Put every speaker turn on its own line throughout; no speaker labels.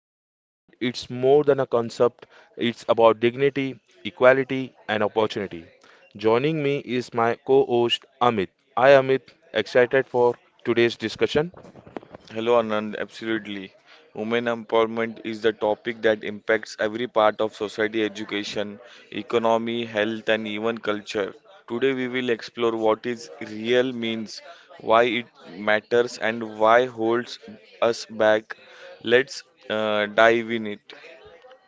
empowerment. It's more than a concept, it's about dignity, equality, and opportunity. Joining me is my co host Amit. Hi Amit, excited for today's discussion?
Hello, Anand. Absolutely. Women empowerment is the topic that impacts every part of society, education, economy, health, and even culture. Today, we will explore what is real means, why it matters, and why holds us back. Let's dive in it.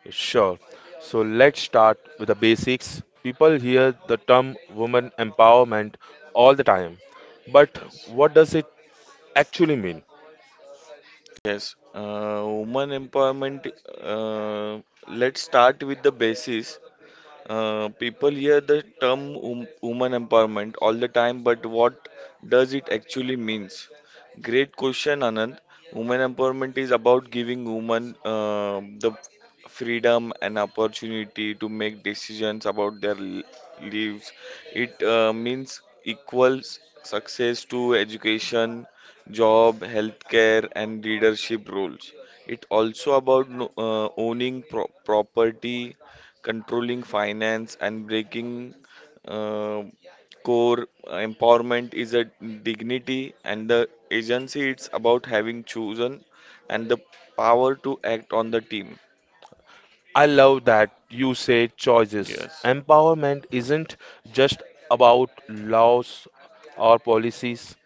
Sure. So let's start with the basics. People hear the term women empowerment all the time, but
Yes.
what does it actually mean?
Yes. Women empowerment. Uh, let's start with the basis. People hear the term woman empowerment all the time, but what does it actually means? Great question, Anand. Women empowerment is about giving women the freedom and opportunity to make decisions about their lives. It means equals success to education, job, healthcare, and leadership roles. It also about owning property controlling finance, and breaking uh, core empowerment is a dignity and the agency it's about having chosen and the power to act on the team.
I love that you say choices.
Yes.
Empowerment isn't just about laws or policies,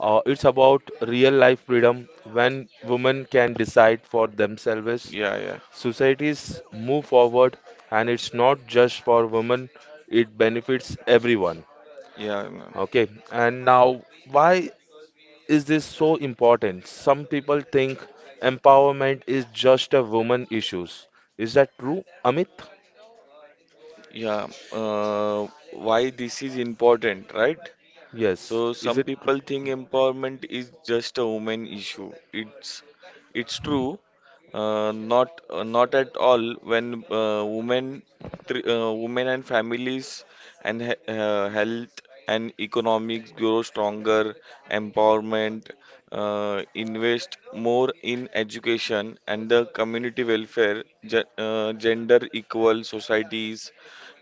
it's about real life freedom when women can decide for themselves.
Yeah, yeah.
Societies move forward, and it's not just for women, it benefits everyone.
Yeah, yeah.
Okay, and now why is this so important? Some people think empowerment is just a woman issues. Is that true, Amit?
Yeah, uh, why this is important, right? So
Yes,
some people think empowerment is just a woman issue. It's true, not at all. When women and families and he health and economics grow stronger, empowerment, invest more in education and the community welfare, gender equal societies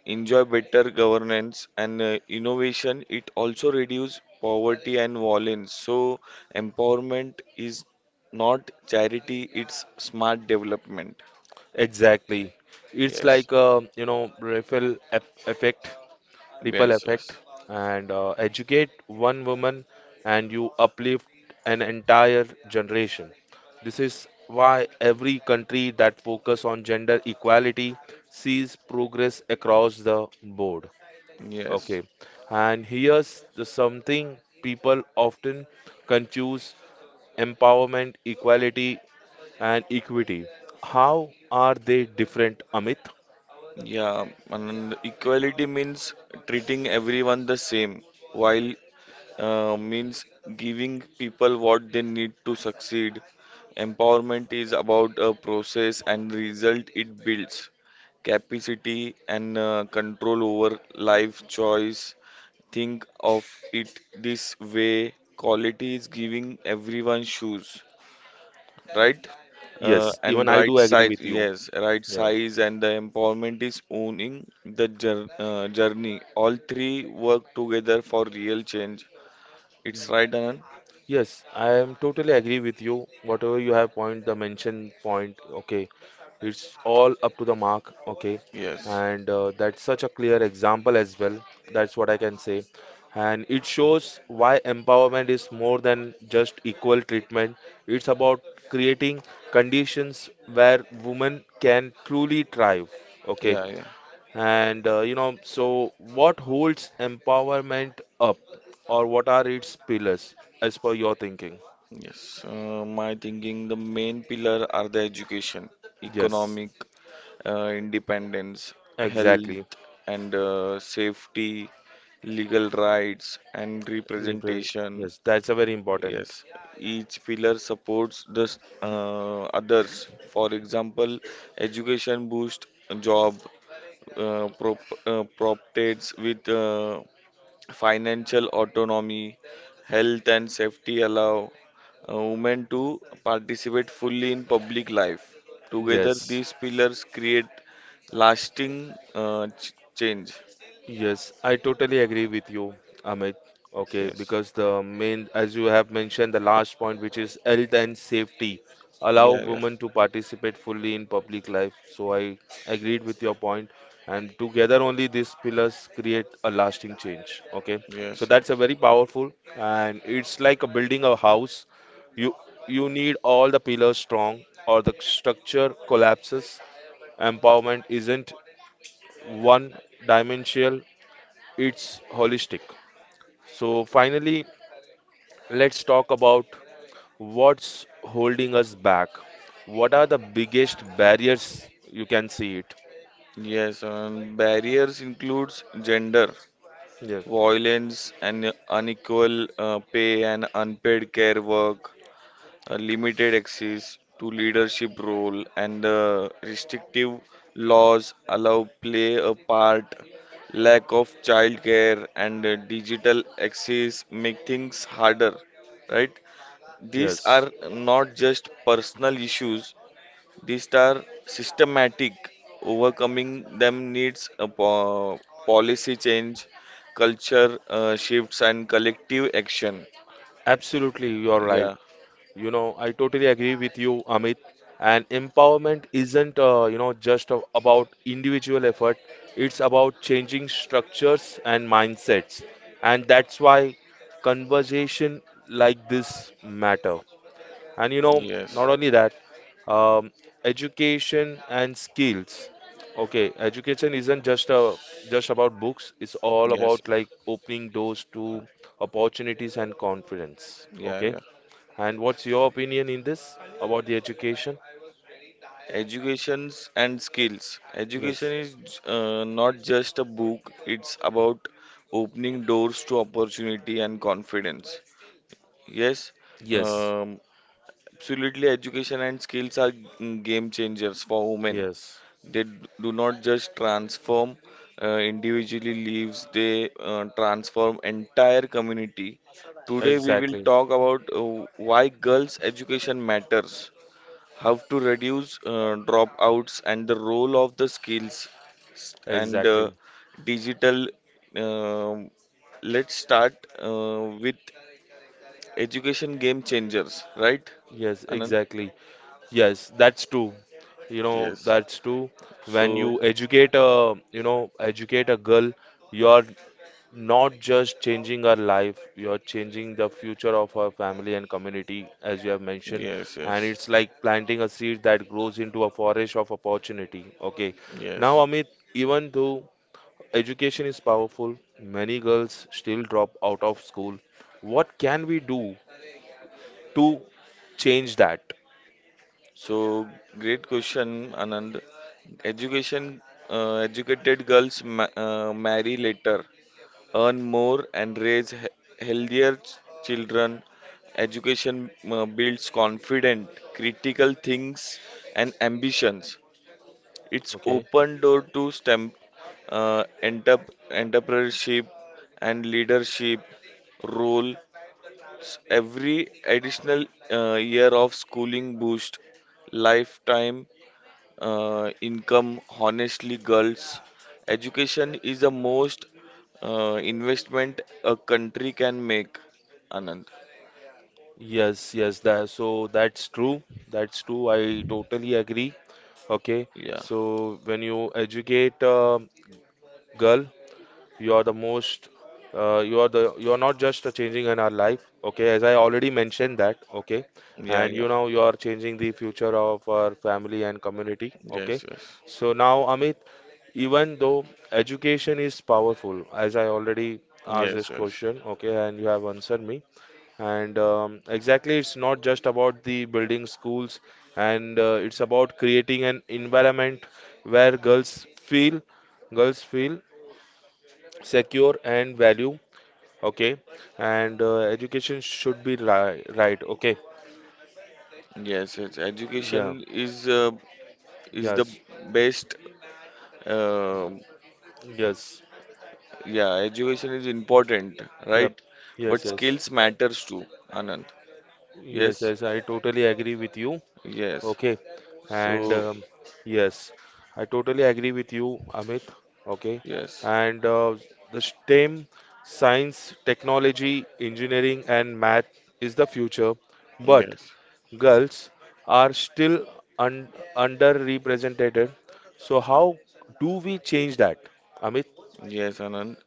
enjoy better governance and innovation. It also reduces poverty and violence. So empowerment is not charity, it's smart development.
exactly? It's
Yes,
like a Raphael effect. Ripple
yes, yes,
effect, and educate one woman and you uplift an entire generation. This is why every country that focus on gender equality sees progress across the board. Okay,
yes.
and here's the something people often confuse: empowerment, equality, and equity. How are they different, Amit?
Yeah, and equality means treating everyone the same while means giving people what they need to succeed. Empowerment is about a process and result it builds, capacity and control over life choice. Think of it this way quality is giving everyone shoes, right?
Yes,
And
even I
right
do agree
size,
with you,
yes, right
yeah.
size, and the empowerment is owning the journey. All three work together for real change. It's right, Anand?
Yes, I am totally agree with you. Whatever you have point, the mention point, okay, it's all up to the mark, okay,
Yes.
and that's such a clear example as well. That's what I can say, and it shows why empowerment is more than just equal treatment. It's about creating conditions where women can truly thrive. Okay,
Yeah, yeah.
and so what holds empowerment up, or what are its pillars, as per your thinking?
Yes. My thinking, the main pillar are the education,
Yes,
economic independence, health
exactly.
and safety, legal rights and representation.
Yes, that's a very important.
Yes. Each pillar supports the others. For example, education boosts job, uh, prop, proptates with financial autonomy, health and safety allow women to participate fully in public life. Together,
Yes,
these pillars create lasting change.
yes, I totally agree with you, Amit. Okay,
Yes.
because the main, as you have mentioned, the last point, which is health and safety, allow
Yeah, yeah.
women to participate fully in public life. So I agreed with your point, and together only these pillars create a lasting change. Okay, so
Yes,
that's a
yes.
very powerful, and it's like a building a house. You you need all the pillars strong, or the structure collapses. Empowerment isn't one dimensional, it's holistic. So, finally, let's talk about what's holding us back. What are the biggest barriers you can see it?
Yes, and barriers includes gender,
Yes,
violence and unequal pay and unpaid care work, a limited access to leadership role and the restrictive laws allow play a part, lack of childcare and digital access make things harder, right? These
yes,
are not just personal issues, these are systematic. Overcoming them needs a policy change, culture shifts and collective action.
absolutely, you're right.
Yeah.
You know, I totally agree with you, Amit. And empowerment isn't, just about individual effort, it's about changing structures and mindsets. And that's why conversation like this matter. And
Yes,
not only that, um, education and skills. Okay, education isn't just a just about books. It's all
yes.
about like opening doors to opportunities and confidence.
Yeah,
Okay,
yeah.
and what's your opinion in this about the education?
Educations and skills.
Yes,
Education is not just a book, it's about opening doors to opportunity and confidence. Yes,
yes,
um, absolutely. Education and skills are game changers for women.
yes,
They do not just transform individually lives, they transform entire community. Today, we will
exactly,
talk about why girls' education matters, how to reduce dropouts and the role of the skills and
exactly.
digital. Um, let's start with education game changers, right,
Yes,
Anand?
exactly. Yes, that's true. You know,
Yes.
that's true. When
So
you educate a girl, you're not just changing our life, you're changing the future of our family and community, as you have mentioned.
yes,
And
yes,
it's like planting a seed that grows into a forest of opportunity. Okay, now
yes.
Amit, even though education is powerful, many girls still drop out of school. What can we do to change that?
So great question, Anand. Education, educated girls marry later, earn more and raise healthier children. Education builds confidence, critical things, and ambitions. It's
Okay,
open door to STEM, entrepreneurship, and leadership roles. Every additional year of schooling boosts lifetime income. Honestly, girls education is the most investment a country can make, Anand.
yes, yes, that so that's true. That's true. I totally agree. Okay,
Yeah,
so when you educate a girl, you are the most you are the you are not just a changing in our life. Okay, as I already mentioned that. Okay,
yeah.
and
Yeah.
you know you are changing the future of our family and community. Okay,
Yes, yes,
so now Amit, even though education is powerful, as I already asked this
yes, yes,
question, okay, and you have answered me. And exactly, it's not just about the building schools, and it's about creating an environment where feel girls feel secure and value. Okay, and education should be ri right. Okay,
yes, yes. Education
yeah,
is the
yes,
best. uh,
yes,
yeah education is important,
yep,
right?
yes,
But skills
yes,
matters too, Anand.
yes,
Yes,
yes, I totally agree with you.
yes.
Okay, and
So
yes, I totally agree with you, Amit. Okay,
yes,
and the STEM, science technology engineering and math, is the future, but
yes.
girls are still un- underrepresented. So, how do we change that, Amit?
Yes, Anand.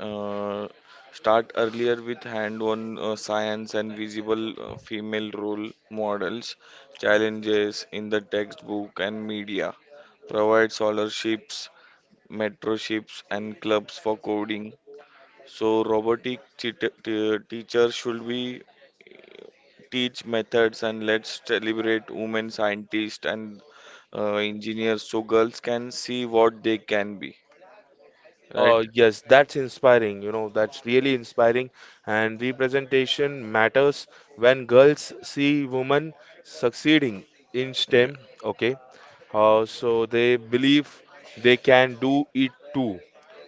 Uh, start earlier with hand-on science and visible female role models, challenges in the textbook and media. Provide scholarships, mentorships, and clubs for coding. So robotic teacher should be teach methods and let's celebrate women scientists and engineers so girls can see what they can be, right?
Yes, that's inspiring. You know, that's really inspiring. And representation matters when girls see women succeeding in
Yeah.
STEM. Okay, so they believe they can do it too.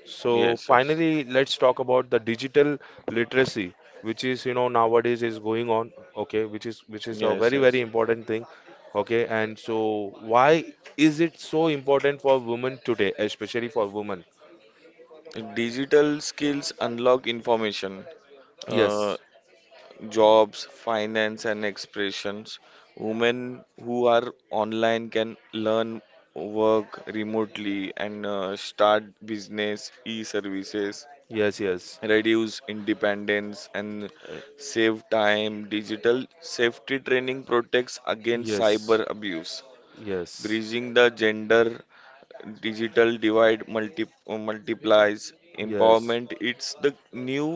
So
Yes, yes.
finally, let's talk about the digital literacy, which is nowadays is going on. Okay, which is a
Yes,
very very
yes.
important thing. Okay, and so why is it so important for women today, especially for women?
Digital skills unlock information, uh,
Yes,
jobs, finance, and expressions. Women who are online can learn, work remotely, and start business, e-services,
yes, yes,
reduce independence, and
eh,
save time. Digital safety training protects against cyber
yes,
abuse.
yes,
Bridging the gender digital divide multiplies
yes.
empowerment, it's the new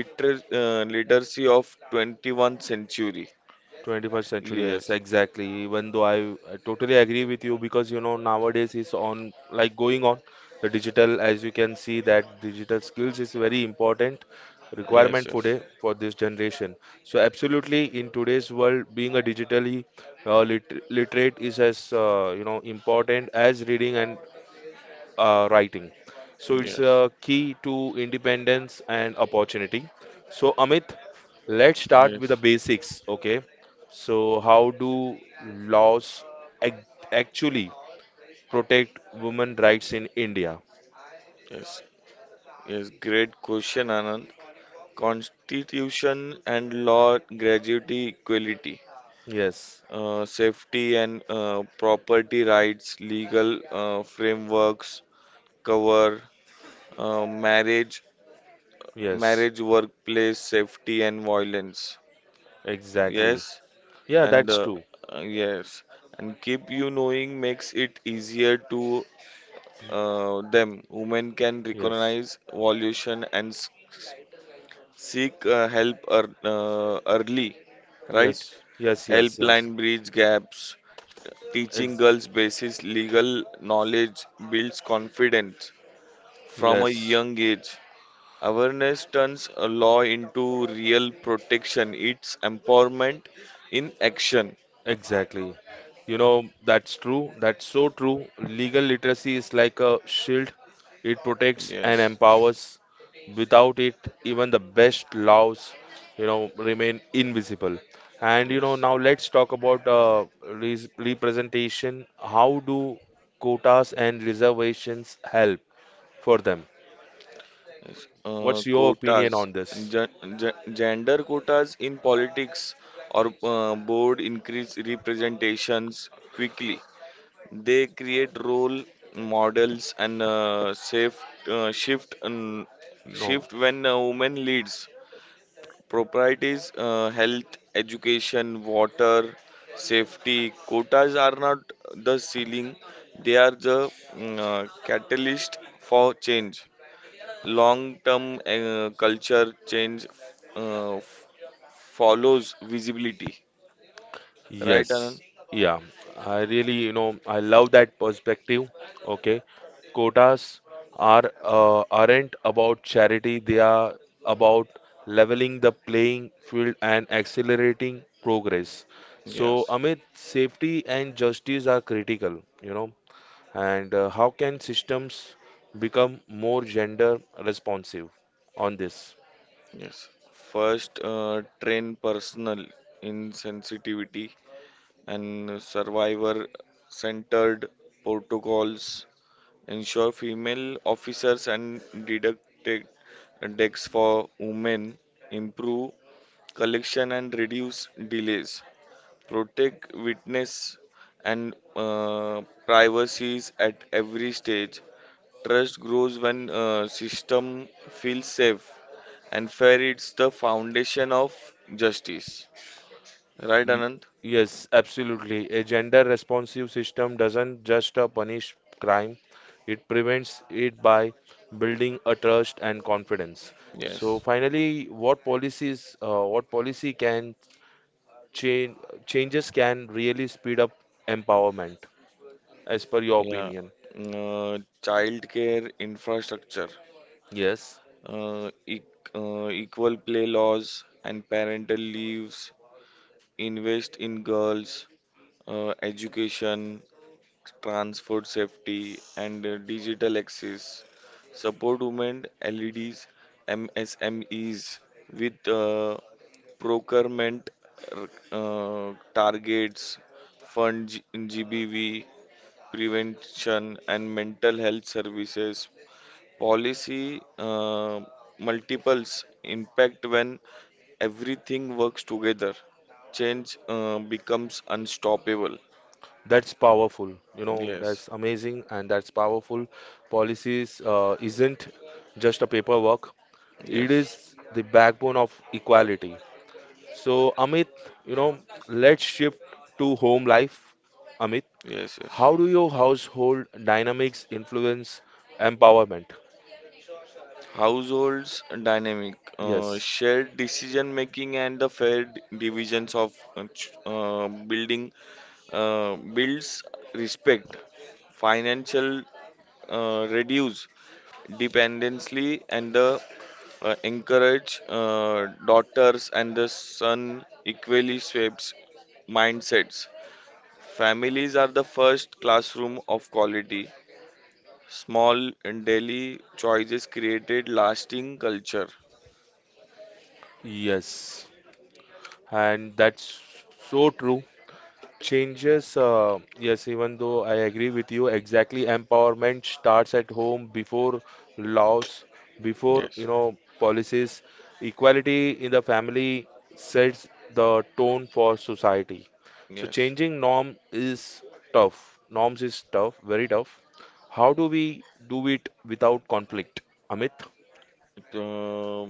literacy of 21st century.
21st century, yes,
Yes,
exactly. Even though I totally agree with you, because you know nowadays is on like going on the digital, as you can see that digital skills is very important
yes,
requirement
yes,
for this generation. So absolutely, in today's world, being a digitally literate is as important as reading and writing. So it's
yes,
a key to independence and opportunity. So Amit, let's start
yes,
with the basics. Okay. So how do laws ac- actually protect women rights in India?
yes. Yes, great question, Anand. Constitution and law gratuity equality,
Yes.
safety and property rights, legal frameworks cover uh, marriage
Yes.
marriage, workplace, safety, and violence.
Exactly.
Yes,
Yeah,
and
that's
uh,
true.
uh, yes, and keep you knowing makes it easier to them. Women can
Yes.
recognize violation and seek help early, right?
Yes. Yes. Yes. Yes.
Helpline bridge gaps. Teaching
Ex-
girls basic legal knowledge builds confidence from a
yes.
young age. Awareness turns a law into real protection, it's empowerment in action.
Exactly. You know, that's true. That's so true. Legal literacy is like a shield, it protects and
Yes,
empowers. Without it, even the best laws, remain invisible. And,
yes,
now let's talk about representation. How do quotas and reservations help for them?
yes.
What's your opinion
Quotas,
on this?
Gen- gender quotas in politics or board increase representations quickly. They create role models and safe uh, shift and
No.
shift when a woman leads. Properties, health, education, water, safety, quotas are not the ceiling, they are the catalyst for change. Long term culture change uh, f- follows visibility. Right,
Yes,
Anand?
yeah, I really, you know, I love that perspective. Okay, quotas aren't about charity; they are about leveling the playing field and accelerating progress. So,
Yes,
Amit, safety and justice are critical, and how can systems become more gender responsive on this?
yes. First, train personal insensitivity and survivor centered protocols, ensure female officers and deducted decks for women, improve collection and reduce delays, protect witness and privacies at every stage. Trust grows when system feels safe and fair. It's the foundation of justice. Right,
Y-
Anand?
Yes, absolutely. A gender responsive system doesn't just punish crime, it prevents it by building a trust and confidence. So
Yes.
finally, what policies, what policy change, changes can really speed up empowerment, as per your
Yeah.
opinion?
Mm, child care infrastructure.
Yes,
uh, e- equal play laws and parental leaves, invest in girls, education, transport safety, and digital access, support women LEDs, MSMEs with procurement targets, fund GBV prevention and mental health services. Policy multiples impact when everything works together. Change becomes unstoppable.
that's powerful. You know,
Yes,
that's amazing and that's powerful. Policies isn't just a paperwork, it
yes,
is the backbone of equality. So, Amit, you know, let's shift to home life. Amit,
yes, yes.
how do your household dynamics influence empowerment?
Households dynamic,
Yes,
shared decision making, and the fair divisions of building builds respect. Financial reduce dependency and the encourage daughters and the son equally shapes mindsets. Families are the first classroom of quality. Small and daily choices created lasting culture.
yes, and that's so true. Changes, yes, even though I agree with you, exactly empowerment starts at home before laws, before,
Yes,
policies. Equality in the family sets the tone for society. So
yes.
changing norm is tough. Norms is tough, very tough. How do we do it without conflict? Amit?
Uh,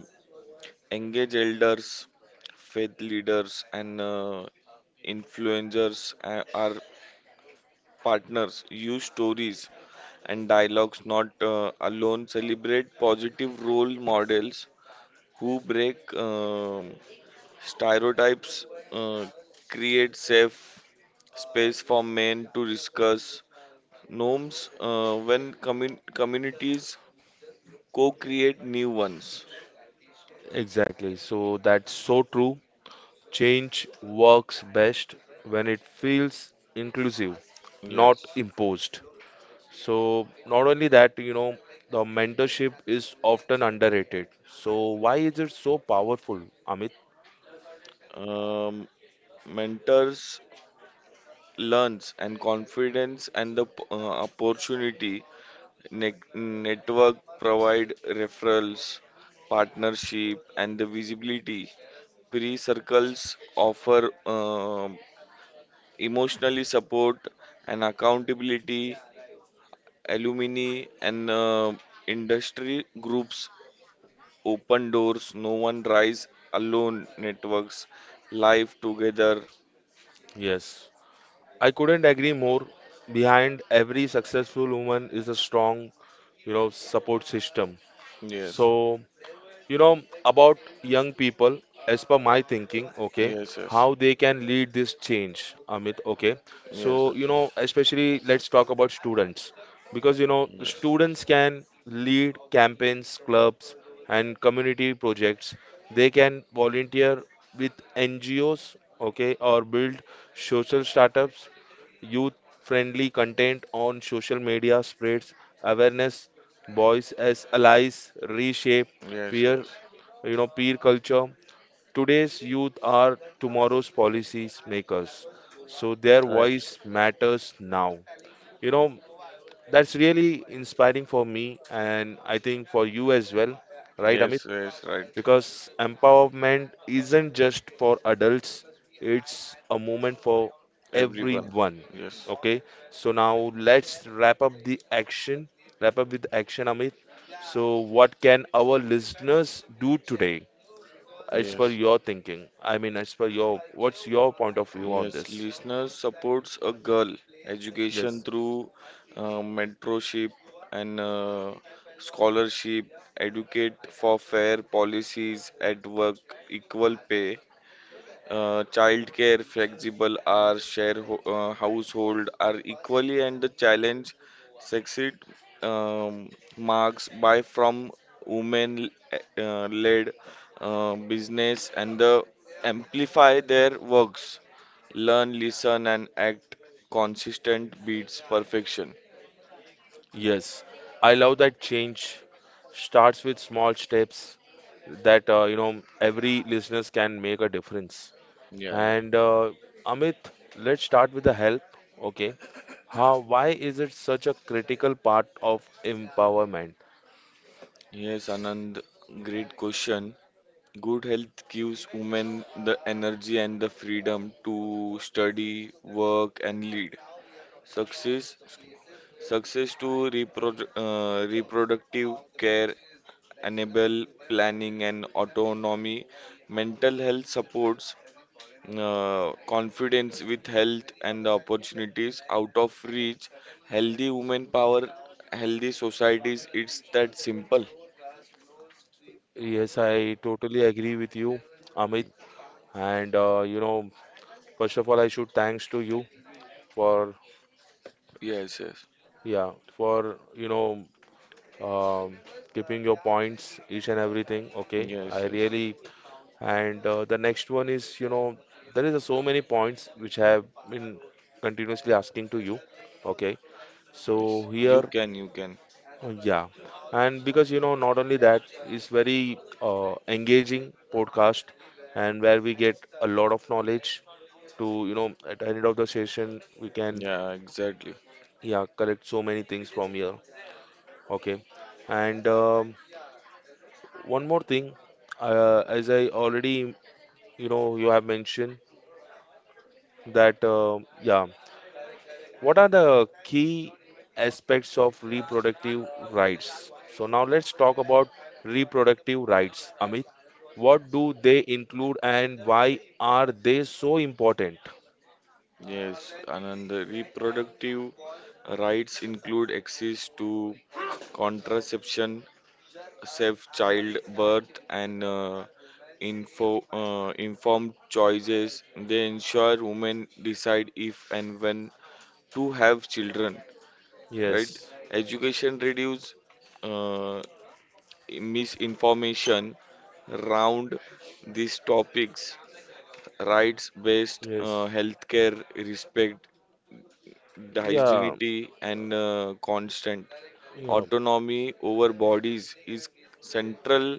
engage elders, faith leaders, and influencers are partners. Use stories and dialogues, not alone. Celebrate positive role models who break stereotypes, uh, create safe space for men to discuss norms when communities co-create new ones.
Exactly. So that's so true. Change works best when it feels inclusive, not
Yes.
imposed. So, not only that, the mentorship is often underrated. So, why is it so powerful, Amit?
Um, mentors learns and confidence and the opportunity, network provide referrals, partnership and the visibility, pre circles offer emotionally support and accountability, alumni and industry groups, open doors, no one rise alone, networks live together.
Yes, I couldn't agree more. Behind every successful woman is a strong, support system.
Yes,
So, you know about young people, as per my thinking. Okay,
yes,
how they can lead this change, Amit? Okay,
yes,
so
yes,
especially let's talk about students, because you know the students
yes,
can lead campaigns, clubs, and community projects. They can volunteer with NGOs. Okay,
yes.
or build social startups. Youth friendly content on social media spreads awareness, boys as allies reshape
Yes,
peer
yes.
peer culture. Today's youth are tomorrow's policies makers. So their
Right.
voice matters now. You know, that's really inspiring for me and I think for you as well, right, Amit?
Yes, yes, right.
Because empowerment isn't just for adults, it's a moment for
Everyone.
everyone.
Yes.
Okay, so now let's wrap up with action, Amit. So, what can our listeners do today, as per
Yes.
your thinking? I mean, what's your point of view on
Yes,
this?
listeners supports a girl education
Yes.
through mentorship and scholarship, educate for fair policies at work, equal pay, childcare, flexible hours, share ho household are equally and the challenge succeed, um, marks by from women led business and the amplify their works. Learn, listen and act, consistent beats perfection.
Yes. I love that change starts with small steps that, every listeners can make a difference.
Yeah, yeah.
And Amit, let's start with the help. Okay. Why is it such a critical part of empowerment?
Yes, Anand, great question. Good health gives women the energy and the freedom to study, work, and lead. Success, success to reproductive care, enable planning and autonomy. Mental health supports confidence with health and the opportunities out of reach. Healthy women power, healthy societies. It's that simple.
Yes, I totally agree with you, Amit. And first of all, I should thanks to you for
Yes, yes,
yeah, for um, keeping your points, each and everything. Okay, I
yes, yes.
really, and the next one is, there is a so many points which have been continuously asking to you. Okay,
Yes.
so
You
here
can, you can.
yeah, and because you know not only that, it's very engaging podcast, and where we get a lot of knowledge, to at the end of the session we can,
Yeah, exactly.
yeah, collect so many things from here. Okay, and one more thing, as I already, you have mentioned that, yeah, what are the key aspects of reproductive rights? So now let's talk about reproductive rights. Amit, what do they include and why are they so important?
Yes, Anand, the reproductive rights include access to contraception, safe childbirth, and informed choices. They ensure women decide if and when to have children, right?
Yes,
Education reduce uh, misinformation around these topics, rights-based
yes,
healthcare, respect the
yeah,
hygienity and constant
yeah,
autonomy over bodies is central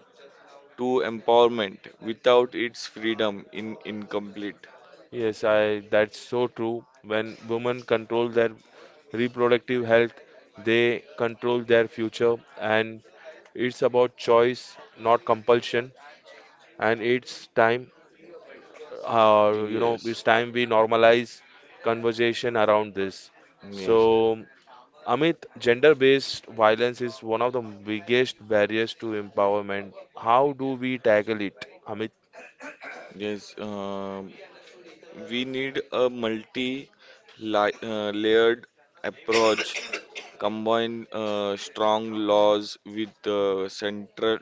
to empowerment. Without its freedom, in incomplete.
yes, that's so true. When women control their reproductive health, they control their future, and it's about choice, not compulsion, and it's time, uh, you know,
Yes,
it's time we normalize conversation around this.
yes,
So, Amit, gender-based violence is one of the biggest barriers to empowerment. How do we tackle it, Amit?
yes. We need a multi-layered approach. Combine strong laws with central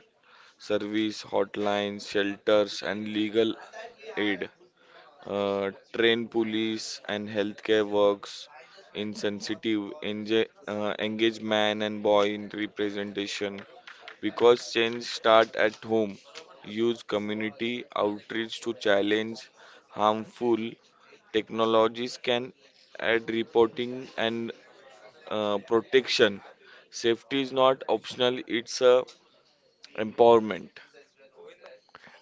service hotlines, shelters, and legal aid. Trained police and healthcare works in sensitive, engaged man and boy in representation. Because change start at home, use community outreach to challenge harmful technologies can add reporting and protection. Safety is not optional; it's a empowerment.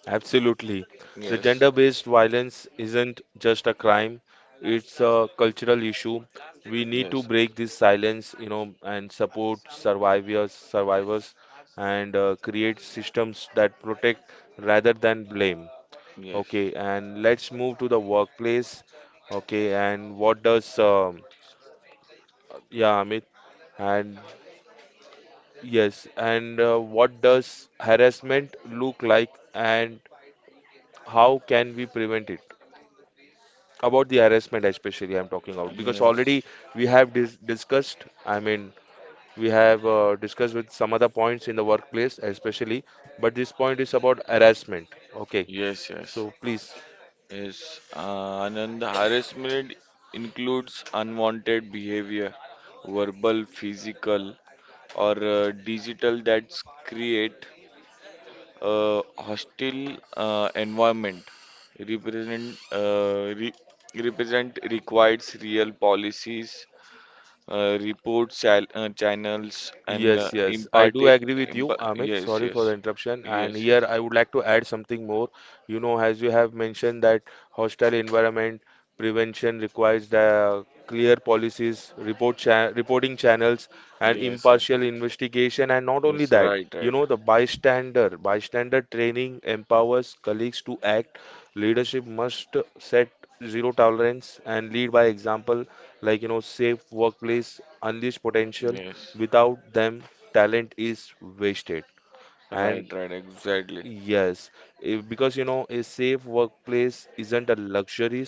Absolutely. The
Yes.
gender-based violence isn't just a crime, it's a cultural issue. We need to break this silence, and support survivors, and create systems that protect rather than blame. Okay, and let's move to the workplace. Okay, and what does, yeah, Amit, and yes, and what does harassment look like and how can we prevent it? About the harassment especially, I'm talking about, because already we have discussed. I mean, we have discussed with some other points in the workplace especially, but this point is about harassment. Okay,
Yes. Yes.
so please.
Yes, Anand, harassment includes unwanted behavior, verbal, physical, or digital that create hostile environment, represent uh, re- represent requires real policies, report channels and
Yes, yes, I do agree with you, Amit.
yes,
Sorry for the
yes,
interruption. And
yes, yes.
here I would like to add something more. You know, as you have mentioned that hostile environment prevention requires the clear policies, reporting channels, and
Yes, yes,
impartial investigation. And not only
yes,
that,
right, right.
the bystander training empowers colleagues to act. Leadership must set zero tolerance and lead by example, like safe workplace, unleash potential,
Yes,
without them talent is wasted. And
right, right, exactly.
yes, if, because a safe workplace isn't a luxury,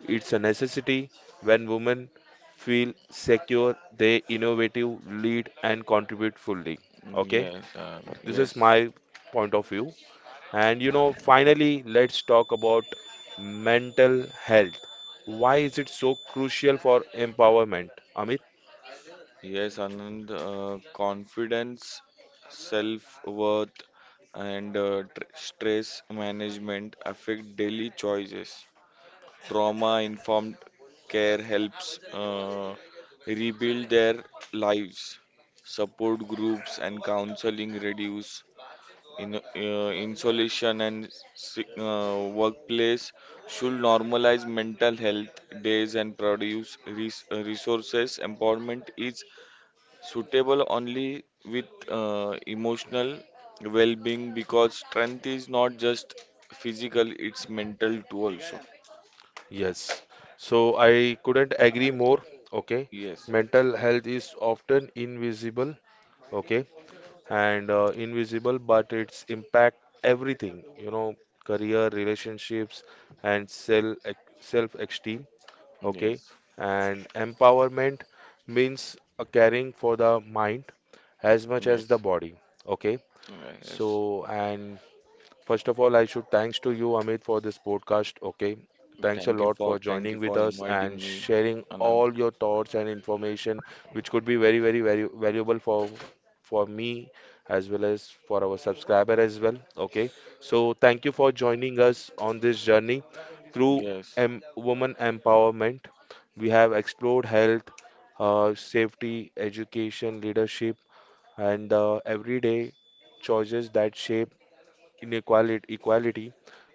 it's a necessity. When women feel secure, they innovative lead and contribute fully. Okay, this is
Yes,
my point of view. And finally let's talk about mental health. Why is it so crucial for empowerment, Amit?
yes, Anand. Confidence, self-worth, and tr stress management affect daily choices. Trauma-informed care helps uh, rebuild their lives. Support groups and counseling reduce insulation and workplace should normalize mental health days and produce resources. Empowerment is suitable only with emotional well-being because strength is not just physical; it's mental too also.
Yes, so I couldn't agree more. Okay,
Yes,
mental health is often invisible. Okay, and invisible, but its impact everything. You know, career, relationships, and self-esteem. Okay,
yes,
and empowerment means caring for the mind as much as the
yes,
body. Okay,
yes.
and first of all, I should thanks to you, Amit, for this podcast. Okay. Thanks a
Thank you
lot for
for thank
joining
you
with
for
us
inviting
and
me,
sharing
Anand.
all your thoughts and information, which could be very, very, very valuable for me as well as for our subscriber as well. Okay. So thank you for joining us on this journey through
Yes.
em woman empowerment. We have explored health, safety, education, leadership, and everyday choices that shape inequality, equality,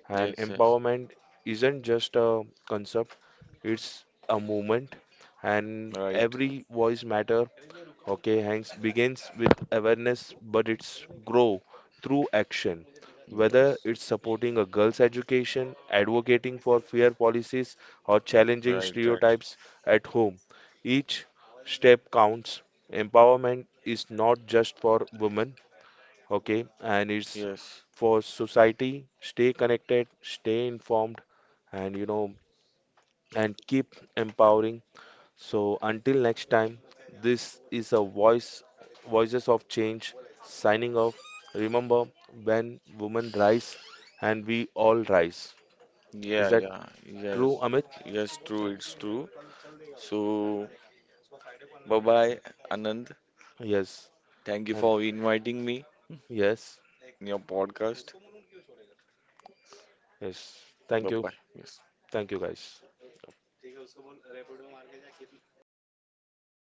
and
Yes, yes,
empowerment isn't just a concept, it's a movement, and
right.
every voice matter. Okay,
Yes,
hanks begins with awareness, but it's grow through action, whether it's supporting a girl's education, advocating for fair policies, or challenging
right, right.
stereotypes at home. Each step counts. Empowerment is not just for women. Okay, and it's
Yes,
for society. Stay connected, stay informed, and keep empowering. So until next time, this is a voice voices of change, signing off. Remember, when women rise, and we all rise, is
yeah,
that
yeah,
true,
yes,
Amit?
yes, true, it's true. So, bye bye, Anand.
Yes,
Thank you
and
for inviting me
yes,
in your podcast.
yes,
Bye
thank you,
bye. Yes.
thank you guys.